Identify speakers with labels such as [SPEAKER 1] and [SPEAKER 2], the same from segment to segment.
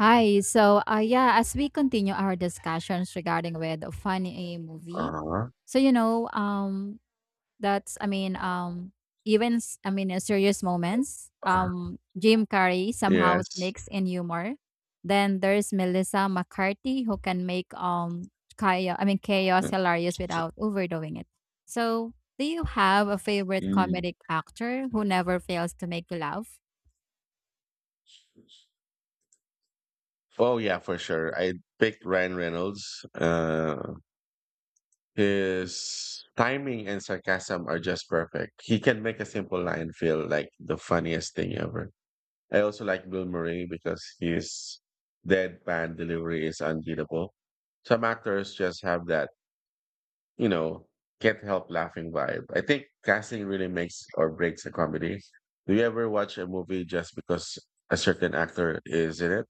[SPEAKER 1] Hi. As we continue our discussions regarding with a funny movie,
[SPEAKER 2] Uh-huh,
[SPEAKER 1] so you know, that's I mean, even s- I mean, serious moments.
[SPEAKER 2] uh-huh.
[SPEAKER 1] Jim Carrey somehow
[SPEAKER 2] Yes.
[SPEAKER 1] sneaks in humor. Then there's Melissa McCarthy who can make chaos
[SPEAKER 2] Mm.
[SPEAKER 1] hilarious without overdoing it. So, do you have a favorite
[SPEAKER 2] Mm.
[SPEAKER 1] comedic actor who never fails to make you laugh?
[SPEAKER 2] Oh, yeah, for sure. I picked Ryan Reynolds. His timing and sarcasm are just perfect. He can make a simple line feel like the funniest thing ever. I also like Bill Murray because his deadpan delivery is unbeatable. Some actors just have that you know, can't help laughing vibe. I think casting really makes or breaks a comedy. Do you ever watch a movie just because a certain actor is in it?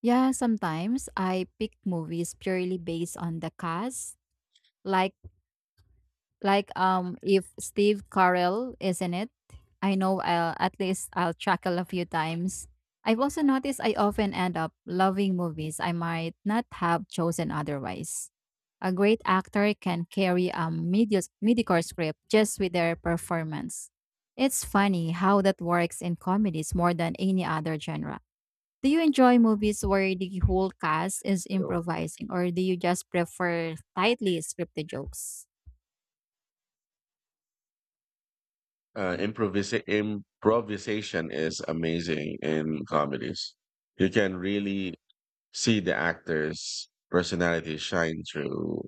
[SPEAKER 1] Yeah, sometimes I pick movies purely based on the cast. Like like if Steve Carell is in it, I know I'll at least I'll chuckle a few times. I've also noticed I often end up loving movies I might not have chosen otherwise. A great actor can carry a medios mediocre script just with their performance. It's funny how that works in comedies more than any other genre. Do you enjoy movies where the whole cast is
[SPEAKER 2] You know,
[SPEAKER 1] improvising, or do you just prefer tightly scripted jokes?
[SPEAKER 2] improvisation is amazing in comedies. You can really see the actor's personality shine through.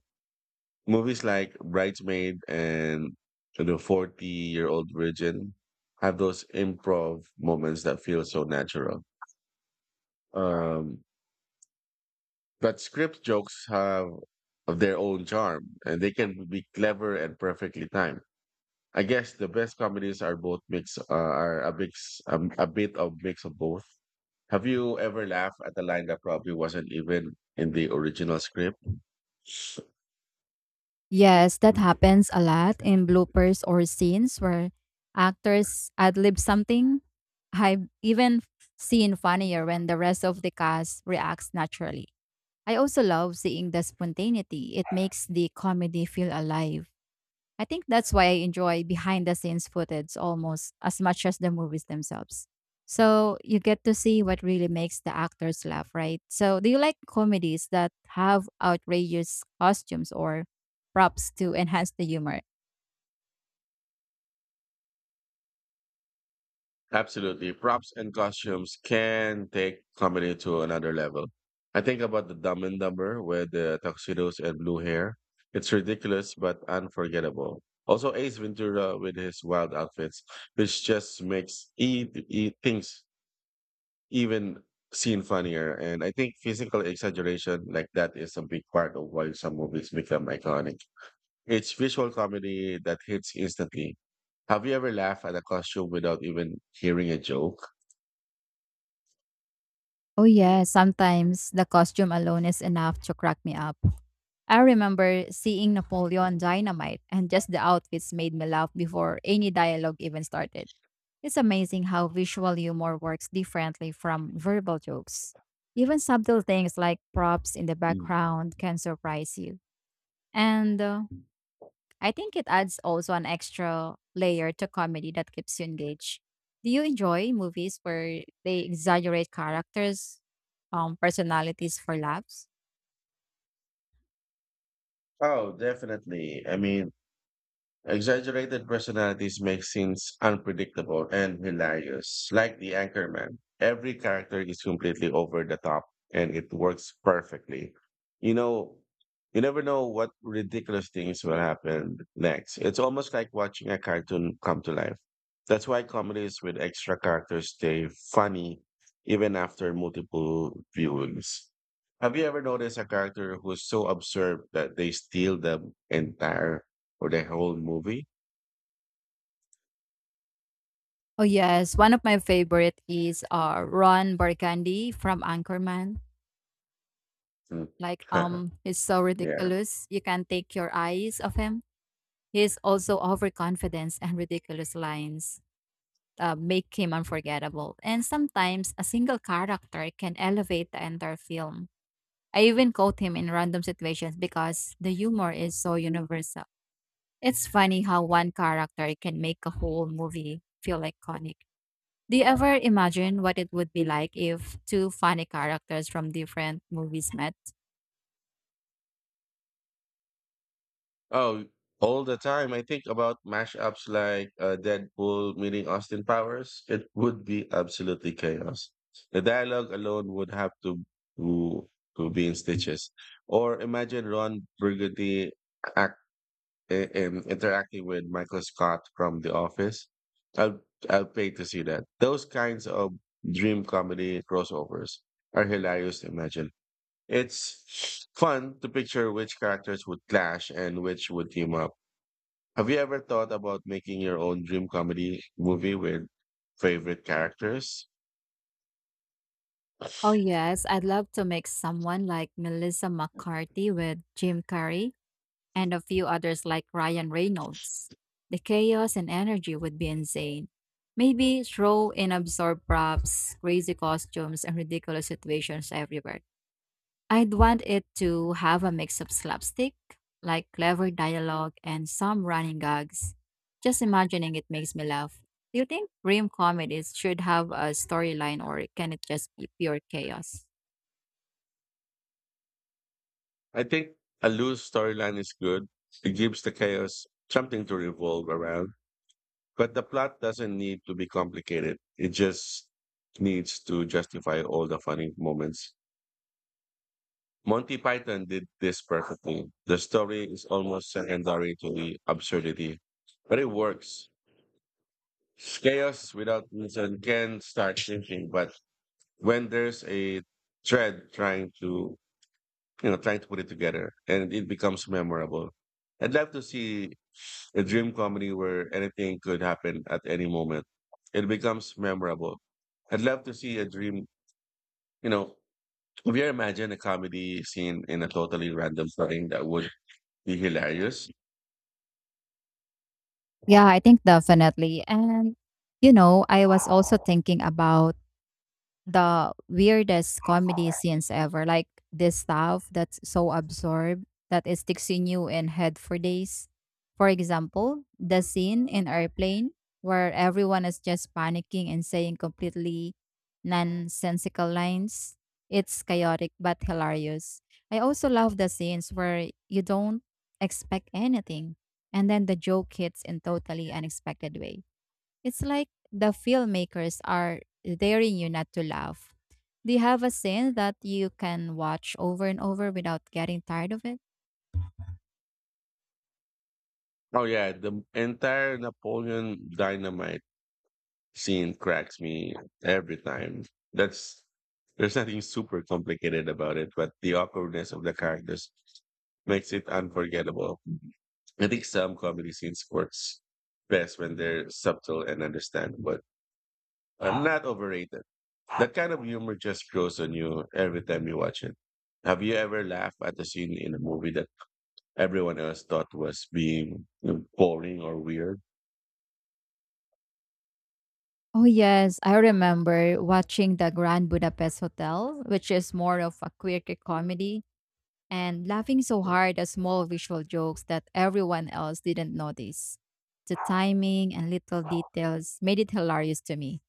[SPEAKER 2] Movies like Bridesmaid and The 40 Year Old Virgin have those improv moments that feel so natural. Um, but script jokes have of their own charm, and they can be clever and perfectly timed. I guess the best comedies are both mix, are a mix, a bit of mix of both. Have you ever laughed at a line that probably wasn't even in the original script?
[SPEAKER 1] Yes, that happens a lot in bloopers or scenes where actors ad lib something. I've even seen funnier when the rest of the cast reacts naturally. I also love seeing the spontaneity. It makes the comedy feel alive. I think that's why I enjoy behind the scenes footage almost as much as the movies themselves. So you get to see what really makes the actors laugh, right? So do you like comedies that have outrageous costumes or props to enhance the humor?
[SPEAKER 2] Absolutely. Props and costumes can take comedy to another level. I think about the Dumb and Dumber with the tuxedos and blue hair. It's ridiculous but unforgettable. Also, Ace Ventura with his wild outfits, which just makes things even seen funnier. And I think physical exaggeration like that is a big part of why some movies become iconic. It's visual comedy that hits instantly. Have you ever laughed at a costume without even hearing a joke?
[SPEAKER 1] Oh yeah, sometimes the costume alone is enough to crack me up. I remember seeing Napoleon Dynamite and just the outfits made me laugh before any dialogue even started. It's amazing how visual humor works differently from verbal jokes. Even subtle things like props in the
[SPEAKER 2] Mm.
[SPEAKER 1] background can surprise you. And I think it adds also an extra layer to comedy that keeps you engaged. Do you enjoy movies where they exaggerate characters, personalities for laughs?
[SPEAKER 2] Oh, definitely. I mean, exaggerated personalities make scenes unpredictable and hilarious. Like the Anchorman, every character is completely over the top, and it works perfectly. You know, you never know what ridiculous things will happen next. It's almost like watching a cartoon come to life. That's why comedies with extra characters stay funny even after multiple viewings. Have you ever noticed a character who's so absurd that they steal the entire for the whole movie.
[SPEAKER 1] Oh yes, one of my favorite is Ron Burgundy from Anchorman.
[SPEAKER 2] Mm.
[SPEAKER 1] He's so
[SPEAKER 2] Yeah.
[SPEAKER 1] ridiculous, you can't take your eyes off him. His also overconfidence and ridiculous lines make him unforgettable. And sometimes a single character can elevate the entire film. I even quote him in random situations because the humor is so universal. It's funny how one character can make a whole movie feel iconic. Do you ever imagine what it would be like if two funny characters from different movies met?
[SPEAKER 2] Oh, all the time. I think about mashups like Deadpool meeting Austin Powers. It would be absolutely chaos. The dialogue alone would have to to, to be in stitches. Or imagine Ron Burgundy act, interacting with Michael Scott from The Office. I'll I'll pay to see that. Those kinds of dream comedy crossovers are hilarious to imagine. It's fun to picture which characters would clash and which would team up. Have you ever thought about making your own dream comedy movie with favorite characters?
[SPEAKER 1] Oh, yes. I'd love to make someone like Melissa McCarthy with Jim Carrey and a few others like Ryan Reynolds. The chaos and energy would be insane. Maybe throw in absurd props, crazy costumes, and ridiculous situations everywhere. I'd want it to have a mix of slapstick, like clever dialogue and some running gags. Just imagining it makes me laugh. Do you think dream comedies should have a storyline or can it just be pure chaos?
[SPEAKER 2] I think a loose storyline is good. It gives the chaos something to revolve around, but the plot doesn't need to be complicated. It just needs to justify all the funny moments. Monty Python did this perfectly. The story is almost secondary to the absurdity, but it works. Chaos without reason can start shrinking, but when there's a thread trying to, you know, trying to put it together and it becomes memorable. I'd love to see a dream comedy where anything could happen at any moment. It becomes memorable. I'd love to see a dream, you know, have you ever imagined a comedy scene in a totally random setting that would be hilarious?
[SPEAKER 1] Yeah, I think definitely. You know, I was also thinking about the weirdest comedy scenes ever. Like this stuff that's so absurd that it sticks in you in head for days. For example, the scene in Airplane where everyone is just panicking and saying completely nonsensical lines. It's chaotic but hilarious. I also love the scenes where you don't expect anything and then the joke hits in totally unexpected way. It's like the filmmakers are daring you not to laugh. Do you have a scene that you can watch over and over without getting tired of it?
[SPEAKER 2] Oh yeah, the entire Napoleon Dynamite scene cracks me every time. That's there's nothing super complicated about it, but the awkwardness of the characters makes it unforgettable. I think some comedy scenes works best when they're subtle and understandable, but not overrated. That kind of humor just grows on you every time you watch it. Have you ever laughed at a scene in a movie that everyone else thought was being boring or weird?
[SPEAKER 1] Oh yes, I remember watching the Grand Budapest Hotel, which is more of a quirky comedy, and laughing so hard at small visual jokes that everyone else didn't notice. The timing and little details made it hilarious to me.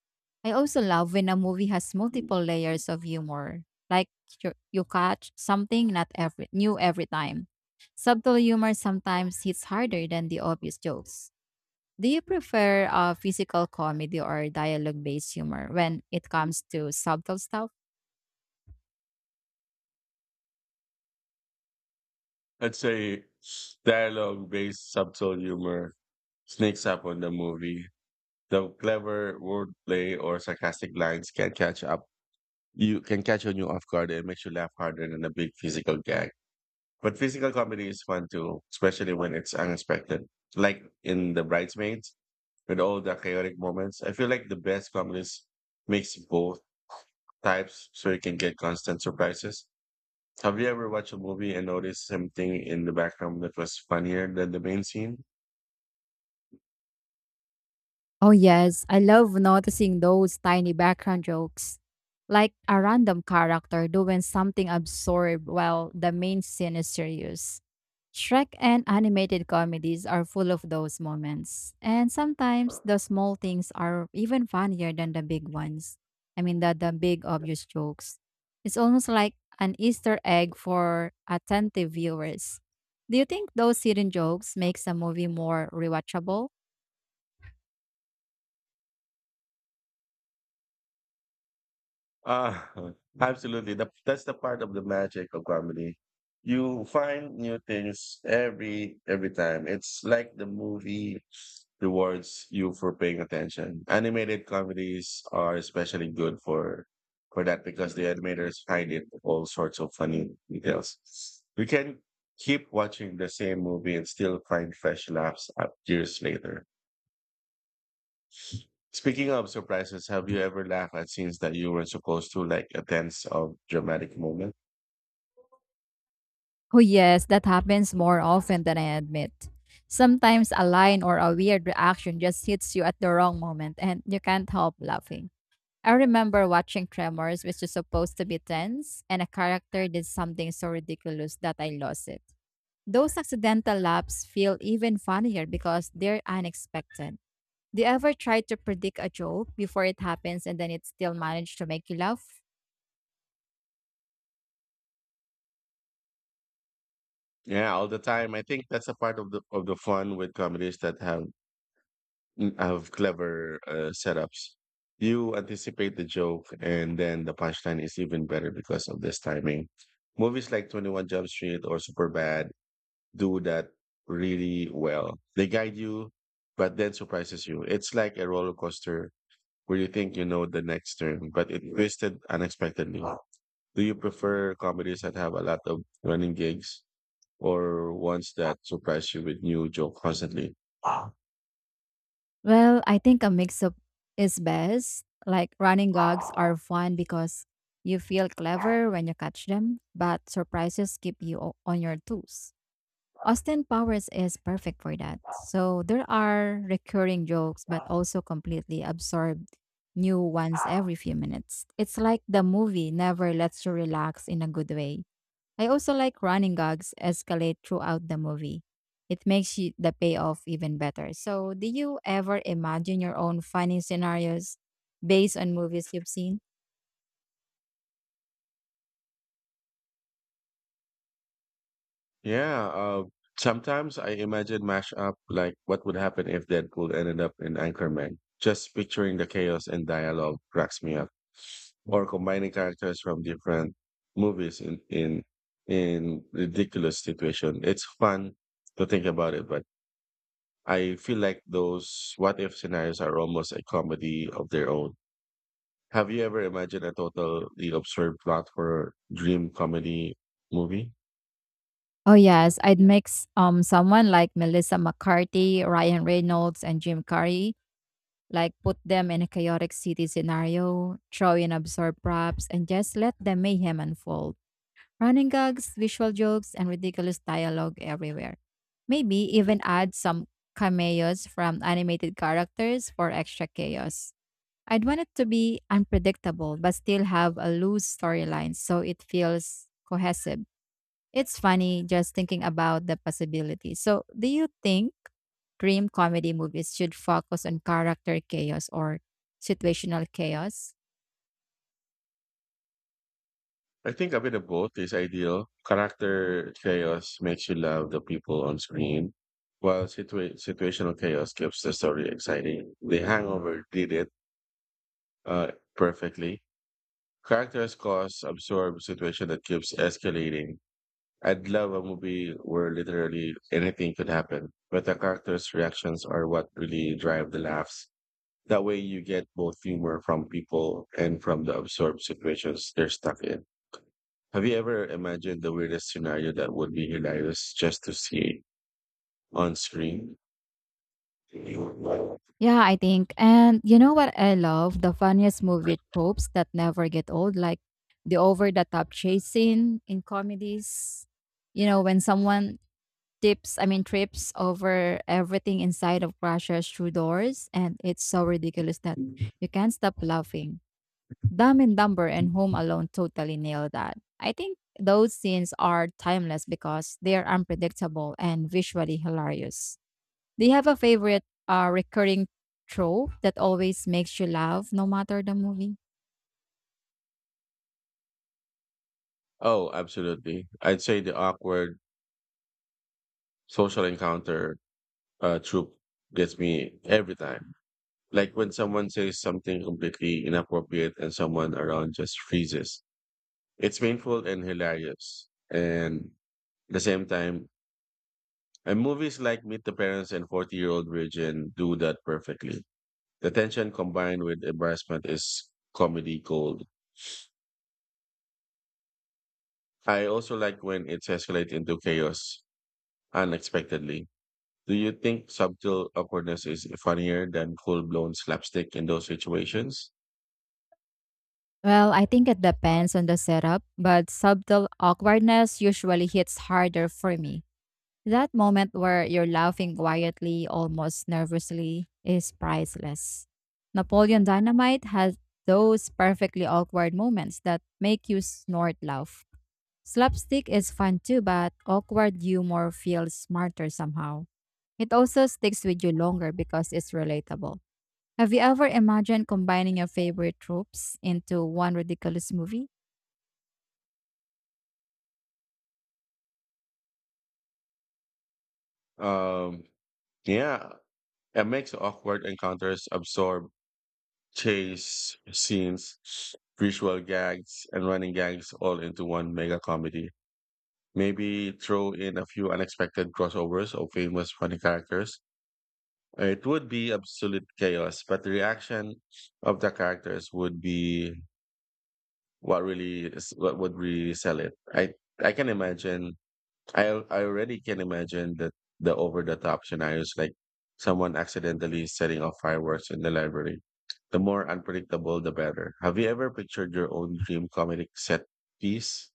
[SPEAKER 1] I also love when a movie has multiple layers of humor, like you catch something not every new every time. Subtle humor sometimes hits harder than the obvious jokes. Do you prefer physical comedy or dialogue-based humor when it comes to subtle stuff?
[SPEAKER 2] I'd say dialogue based subtle humor sneaks up on the movie. The clever wordplay or sarcastic lines can catch up. You can catch on you off guard and makes you laugh harder than a big physical gag. But physical comedy is fun too, especially when it's unexpected. Like in The Bridesmaids, with all the chaotic moments, I feel like the best comedies makes both types so you can get constant surprises. Have you ever watched a movie and noticed something in the background that was funnier than the main scene?
[SPEAKER 1] Oh, yes. I love noticing those tiny background jokes, like a random character doing something absurd while the main scene is serious. Shrek and animated comedies are full of those moments. And sometimes the small things are even funnier than the big ones. I mean, the big obvious jokes. It's almost like an Easter egg for attentive viewers. Do you think those hidden jokes makes a movie more rewatchable?
[SPEAKER 2] Uh, absolutely. That's the part of the magic of comedy. You find new things every time. It's like the movie rewards you for paying attention. Animated comedies are especially good for that because the animators find it all sorts of funny details. You can keep watching the same movie and still find fresh laughs up years later. Speaking of surprises, have you ever laughed at scenes that you weren't supposed to, like a tense or dramatic moment?
[SPEAKER 1] Oh, yes, that happens more often than I admit. Sometimes a line or a weird reaction just hits you at the wrong moment and you can't help laughing. I remember watching Tremors, which is supposed to be tense, and a character did something so ridiculous that I lost it. Those accidental laughs feel even funnier because they're unexpected. Do you ever try to predict a joke before it happens and then it still managed to make you laugh?
[SPEAKER 2] Yeah, all the time. I think that's a part of the fun with comedies that have clever setups. You anticipate the joke, and then the punchline is even better because of this timing. Movies like 21 Jump Street or Superbad do that really well. They guide you, but then surprises you. It's like a roller coaster where you think you know the next turn, but it twisted unexpectedly. Do you prefer comedies that have a lot of running gigs or ones that surprise you with new joke constantly?
[SPEAKER 1] Well, I think a mix up is best. Like running dogs are fun because you feel clever when you catch them, but surprises keep you on your toes. Austin Powers is perfect for that. So there are recurring jokes, but also completely absorbed new ones every few minutes. It's like the movie never lets you relax in a good way. I also like running gags escalate throughout the movie. It makes you, the payoff even better. So, do you ever imagine your own funny scenarios based on movies you've seen?
[SPEAKER 2] Yeah, sometimes I imagine mashup like what would happen if Deadpool ended up in Anchorman. Just picturing the chaos and dialogue cracks me up. Or combining characters from different movies in ridiculous situation. It's fun to think about it, but I feel like those what if scenarios are almost a comedy of their own. Have you ever imagined a totally absurd plot for a dream comedy movie?
[SPEAKER 1] Oh yes, I'd mix someone like Melissa McCarthy, Ryan Reynolds, and Jim Carrey. Like put them in a chaotic city scenario, throw in absurd props, and just let the mayhem unfold. Running gags, visual jokes, and ridiculous dialogue everywhere. Maybe even add some cameos from animated characters for extra chaos. I'd want it to be unpredictable but still have a loose storyline so it feels cohesive. It's funny just thinking about the possibilities. So, do you think dream comedy movies should focus on character chaos or situational chaos?
[SPEAKER 2] I think a bit of both is ideal. Character chaos makes you love the people on screen, while situational chaos keeps the story exciting. The Hangover did it perfectly. Characters cause absurd situation that keeps escalating. I'd love a movie where literally anything could happen, but the characters' reactions are what really drive the laughs. That way, you get both humor from people and from the absurd situations they're stuck in. Have you ever imagined the weirdest scenario that would be hilarious just to see on screen?
[SPEAKER 1] Yeah, I think. And you know what I love? The funniest movie tropes that never get old, like the over the top chasing in comedies. You know, when someone trips over everything inside of crashes through doors, and it's so ridiculous that you can't stop laughing. Dumb and Dumber and Home Alone totally nailed that. I think those scenes are timeless because they are unpredictable and visually hilarious. Do you have a favorite recurring trope that always makes you laugh no matter the movie?
[SPEAKER 2] Oh, absolutely. I'd say the awkward social encounter troop gets me every time. Like when someone says something completely inappropriate and someone around just freezes. It's painful and hilarious. And at the same time, and movies like Meet the Parents and 40 Year Old Virgin do that perfectly. The tension combined with embarrassment is comedy gold. I also like when it's escalates into chaos unexpectedly. Do you think subtle awkwardness is funnier than full blown slapstick in those situations?
[SPEAKER 1] Well, I think it depends on the setup, but subtle awkwardness usually hits harder for me. That moment where you're laughing quietly, almost nervously, is priceless. Napoleon Dynamite has those perfectly awkward moments that make you snort laugh. Slapstick is fun too, but awkward humor feels smarter somehow. It also sticks with you longer because it's relatable. Have you ever imagined combining your favorite tropes into one ridiculous movie?
[SPEAKER 2] Um, yeah, it makes awkward encounters absorb chase scenes, visual gags, and running gags all into one mega comedy. Maybe throw in a few unexpected crossovers of famous funny characters. It would be absolute chaos, but the reaction of the characters would be what would really sell it. I can imagine I already can imagine that the over the top scenarios like someone accidentally setting off fireworks in the library. The more unpredictable, the better. Have you ever pictured your own dream comedic set piece?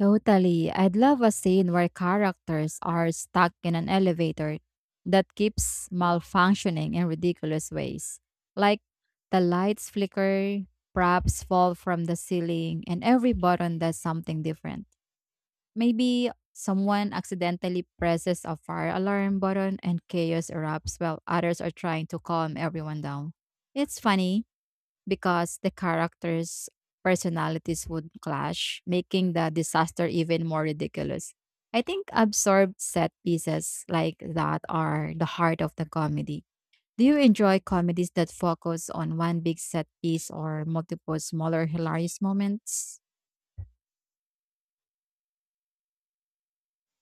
[SPEAKER 1] Totally. I'd love a scene where characters are stuck in an elevator that keeps malfunctioning in ridiculous ways. Like the lights flicker, props fall from the ceiling, and every button does something different. Maybe someone accidentally presses a fire alarm button and chaos erupts while others are trying to calm everyone down. It's funny because the characters' personalities would clash, making the disaster even more ridiculous. I think absorbed set pieces like that are the heart of the comedy. Do you enjoy comedies that focus on one big set piece or multiple smaller hilarious moments?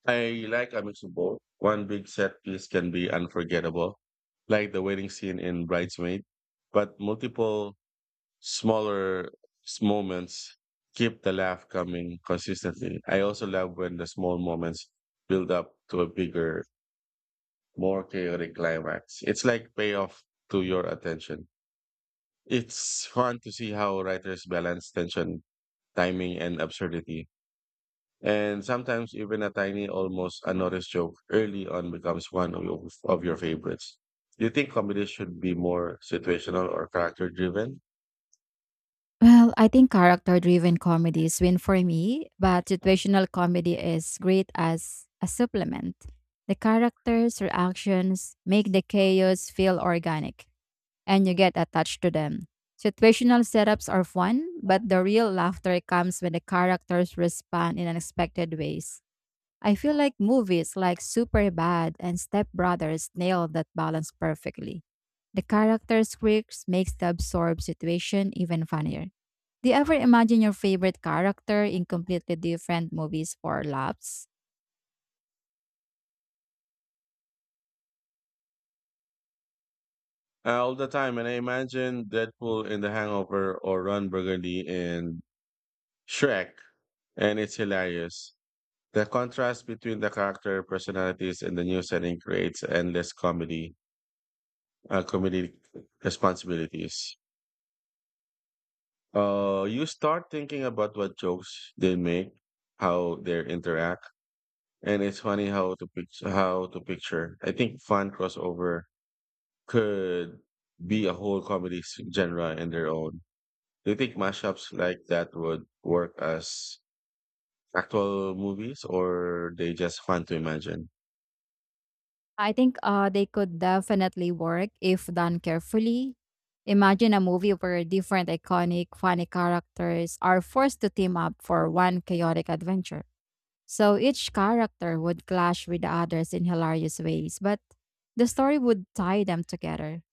[SPEAKER 2] I like a mix of both. One big set piece can be unforgettable, like the wedding scene in Bridesmaid, but multiple smaller moments keep the laugh coming consistently. I also love when the small moments build up to a bigger more chaotic climax. It's like payoff to your attention. It's fun to see how writers balance tension, timing, and absurdity. And sometimes even a tiny, almost unnoticed joke early on becomes one of your favorites. Do you think comedy should be more situational or character driven?
[SPEAKER 1] Well, I think character driven comedies win for me, but situational comedy is great as a supplement. The characters' reactions make the chaos feel organic and you get attached to them. Situational setups are fun, but the real laughter comes when the characters respond in unexpected ways. I feel like movies like Superbad and Step Brothers nail that balance perfectly. The characters' quirks makes the absorbed situation even funnier. Do you ever imagine your favorite character in completely different movies for laughs?
[SPEAKER 2] All the time. And I imagine Deadpool in The Hangover or Ron Burgundy in Shrek, and it's hilarious. The contrast between the character personalities in the new setting creates endless comedy responsibilities. You start thinking about what jokes they make, how they interact, and it's funny how to picture. I think fun crossover could be a whole genre in their own. Do you think mashups like that would work as actual movies or they just fun to imagine?
[SPEAKER 1] I think they could definitely work if done carefully. Imagine a movie where different iconic, funny characters are forced to team up for one chaotic adventure. So each character would clash with the others in hilarious ways, but the story would tie them together.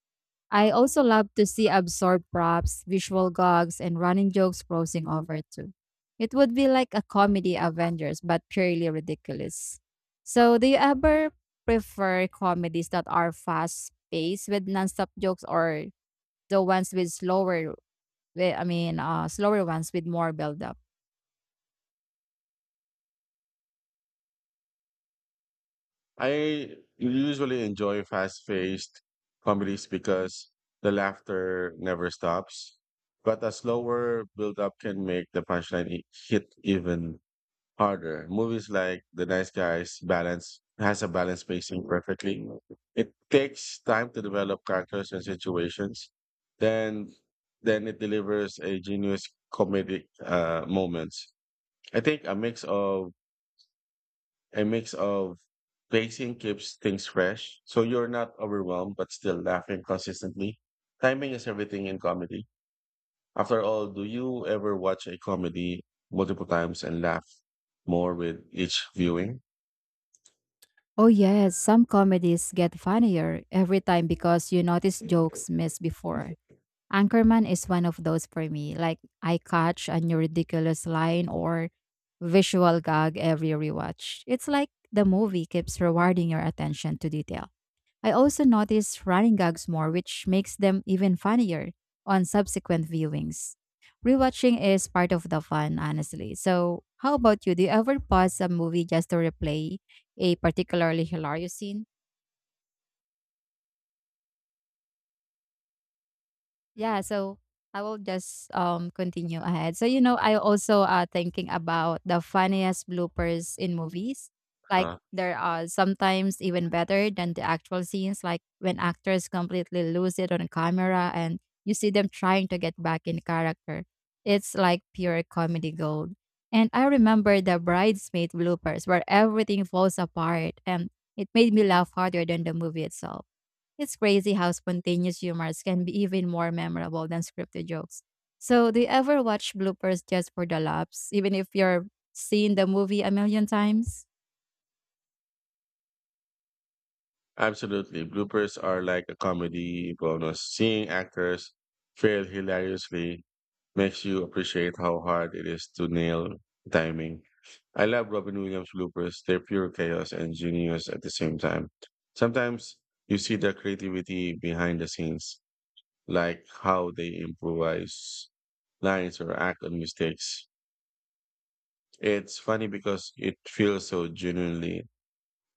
[SPEAKER 1] I also love to see absurd props, visual gags, and running jokes crossing over too. It would be like a comedy Avengers, but purely ridiculous. So, do you ever prefer comedies that are fast paced with nonstop jokes or the ones with slower, slower ones with more build up?
[SPEAKER 2] I usually enjoy fast paced comedies because the laughter never stops, but a slower build up can make the hit even harder. Movies like The Nice Guys balance has a balanced pacing perfectly. It takes time to develop characters and situations. Then then it delivers a genius comedic moments. I think a mix of pacing keeps things fresh, so you're not overwhelmed but still laughing consistently. Timing is everything in comedy. After all, do you ever watch a comedy multiple times and laugh more with each viewing?
[SPEAKER 1] Oh, yes, some comedies get funnier every time because you notice jokes missed before. Anchorman is one of those for me. Like I catch a new ridiculous line or visual gag every rewatch. It's like the movie keeps rewarding your attention to detail. I also notice running gags more, which makes them even funnier on subsequent viewings. Rewatching is part of the fun, honestly. So, how about you? Do you ever pause a movie just to replay a particularly hilarious scene? Yeah, so I will just continue ahead. I also thinking about the funniest bloopers in movies. Like
[SPEAKER 2] Uh,
[SPEAKER 1] there are sometimes even better than the actual scenes, like when actors completely lose it on camera and you see them trying to get back in character. It's like pure comedy gold. And I remember the bridesmaid bloopers where everything falls apart and it made me laugh harder than the movie itself. It's crazy how spontaneous humors can be even more memorable than scripted jokes. So, do you ever watch bloopers just for the laughs, even if you're seeing the movie a million times?
[SPEAKER 2] Absolutely. Bloopers are like a comedy bonus. Seeing actors fail hilariously makes you appreciate how hard it is to nail timing. I love Robin Williams bloopers. They're pure chaos and genius at the same time. Sometimes you see the creativity behind the scenes, like how they improvise lines or act on mistakes. It's funny because it feels so genuinely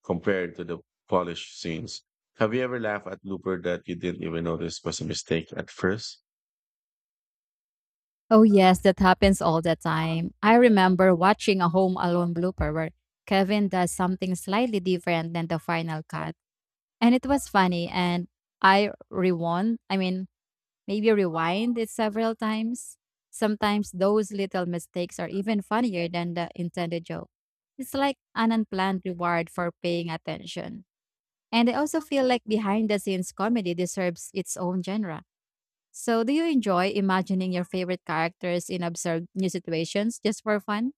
[SPEAKER 2] compared to the polished scenes. Have you ever laughed at blooper that you didn't even notice was a mistake at first?
[SPEAKER 1] Oh, yes, that happens all the time. I remember watching a Home Alone blooper where Kevin does something slightly different than the final cut. And it was funny, and I rewound. I mean, maybe rewind it several times. Sometimes those little mistakes are even funnier than the intended joke. It's like an unplanned reward for paying attention. And I also feel like behind the scenes comedy deserves its own genre. So, do you enjoy imagining your favorite characters in absurd new situations just for fun?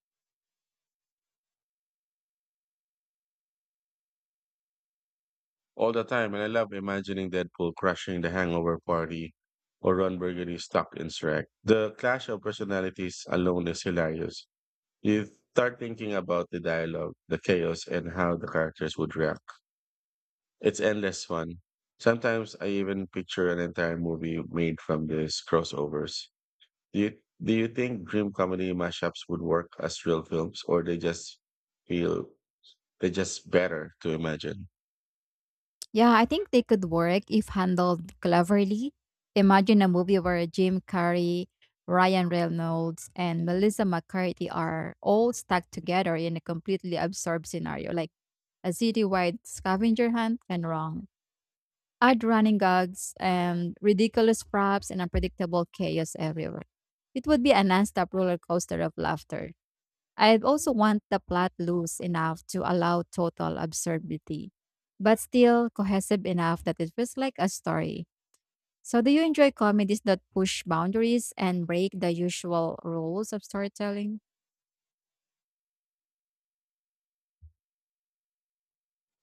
[SPEAKER 2] All the time, and I love imagining Deadpool crushing the hangover party or Ron Burgundy stuck in Shrek. The clash of personalities alone is hilarious. You start thinking about the dialogue, the chaos, and how the characters would react. It's endless fun. Sometimes I even picture an entire movie made from these crossovers. Do you, do you think dream comedy mashups would work as real films, or they just feel they just better to imagine?
[SPEAKER 1] Yeah, I think they could work if handled cleverly. Imagine a movie where Jim Carrey, Ryan Reynolds, and Melissa McCarthy are all stuck together in a completely absurd scenario, like a citywide scavenger hunt gone wrong. Odd running gags and ridiculous props and unpredictable chaos everywhere. It would be a non-stop roller coaster of laughter. I'd also want the plot loose enough to allow total absurdity, but still cohesive enough that it feels like a story. So, do you enjoy comedies that push boundaries and break the usual rules of storytelling?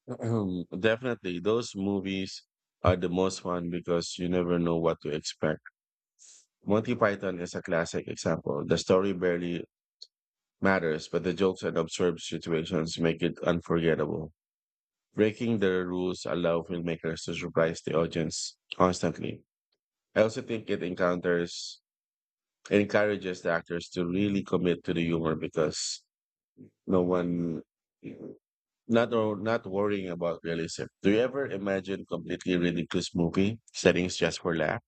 [SPEAKER 2] Definitely, those movies are the most fun because you never know what to expect. Monty Python is a classic example. The story barely matters, but the jokes and absurd situations make it unforgettable. Breaking the rules allow filmmakers to surprise the audience constantly. I also think it encounters encourages the actors to really commit to the humor because no one not worrying about realism. Do you ever imagine completely ridiculous movie settings just for laugh?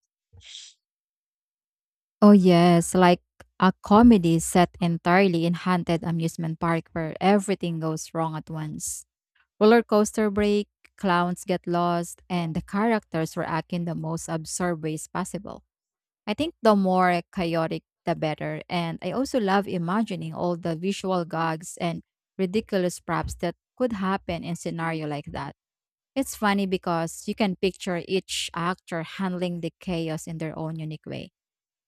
[SPEAKER 1] Oh, yes, like a comedy set entirely in haunted amusement park where everything goes wrong at once. Roller coaster break, clowns get lost, and the characters react in the most absurd ways possible. I think the more chaotic, the better. And I also love imagining all the visual gags and ridiculous props that could happen in scenario like that. It's funny because you can picture each actor handling the chaos in their own unique way.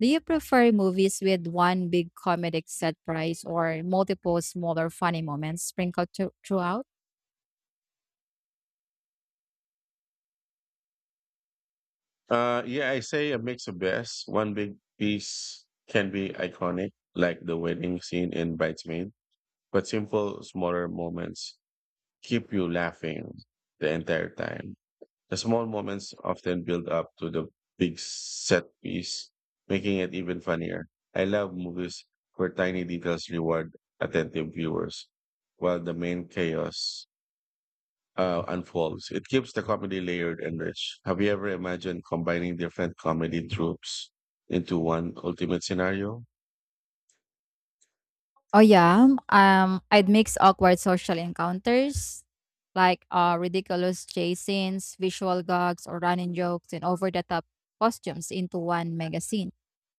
[SPEAKER 1] Do you prefer movies with one big comedic set price or multiple smaller funny moments sprinkled throughout?
[SPEAKER 2] Yeah, I say a mix of best. One big piece can be iconic, like the wedding scene in Bridesmaid, but simple smaller moments keep you laughing the entire time. The small moments often build up to the big set piece, making it even funnier. I love movies where tiny details reward attentive viewers while the main chaos unfolds. It keeps the comedy layered and rich. Have you ever imagined combining different comedy tropes into one ultimate scenario?
[SPEAKER 1] Oh yeah, I'd mix awkward social encounters like ridiculous chase scenes, visual gags, or running jokes and over-the-top costumes into one mega scene.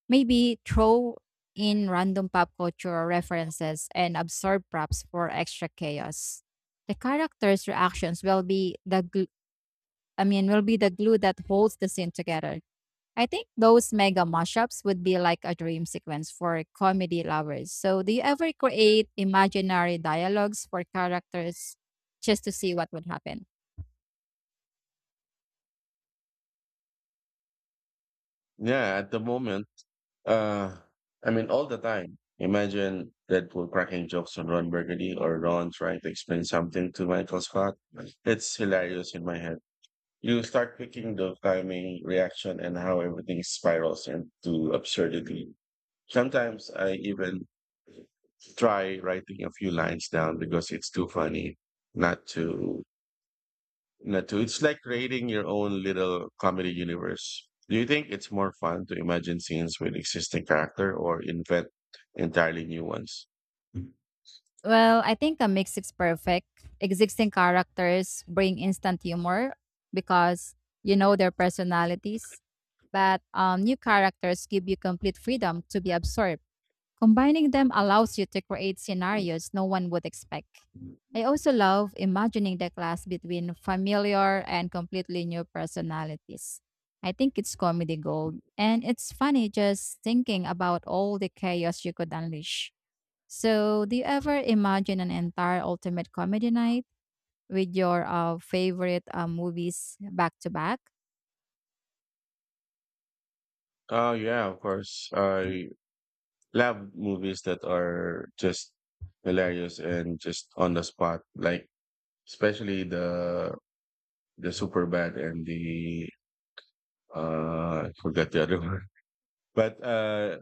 [SPEAKER 1] Maybe throw in random pop culture references and absurd props for extra chaos. The characters' reactions will be I mean will be the glue that holds the scene together. I think those mega mashups would be like a dream sequence for comedy lovers. So, do you ever create imaginary dialogues for characters just to see what would happen?
[SPEAKER 2] Yeah, at the moment, uh, all the time. Imagine Deadpool cracking jokes on Ron Burgundy or Ron trying to explain something to Michael Scott. It's hilarious in my head. You start picking the timing, reaction, and how everything spirals into absurdity. Sometimes I even try writing a few lines down because it's too funny not to not to it's like creating your own little comedy universe. Do you think it's more fun to imagine scenes with existing character or invent entirely new ones?
[SPEAKER 1] Well, I think a mix is perfect. Existing characters bring instant humor because you know their personalities, but new characters give you complete freedom to be absorbed. Combining them allows you to create scenarios no one would expect. I also love imagining the clash between familiar and completely new personalities. I think it's comedy gold, and it's funny just thinking about all the chaos you could unleash. So, do you ever imagine an entire ultimate comedy night with your favorite movies back to back?
[SPEAKER 2] Oh yeah, of course. I love movies that are just hilarious and just on the spot, like especially the super bad and the I forgot the other one, but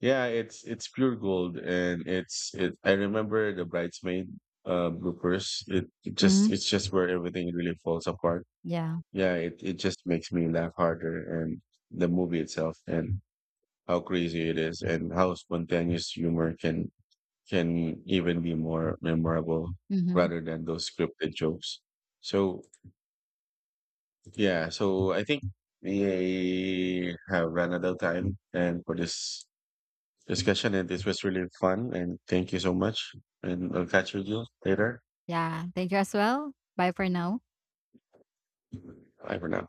[SPEAKER 2] yeah, it's pure gold, and it's it. I remember the bridesmaid bloopers.
[SPEAKER 1] Hmm.
[SPEAKER 2] It's just where everything really falls apart.
[SPEAKER 1] Yeah.
[SPEAKER 2] Yeah, it just makes me laugh harder, and the movie itself, and how crazy it is, and how spontaneous humor can even be more memorable
[SPEAKER 1] Hmm.
[SPEAKER 2] rather than those scripted jokes. So yeah, so I think we have run out of time, and for this discussion, and this was really fun. And thank you so much. And I'll catch you later.
[SPEAKER 1] Yeah, thank you as well. Bye for now.
[SPEAKER 2] Bye for now.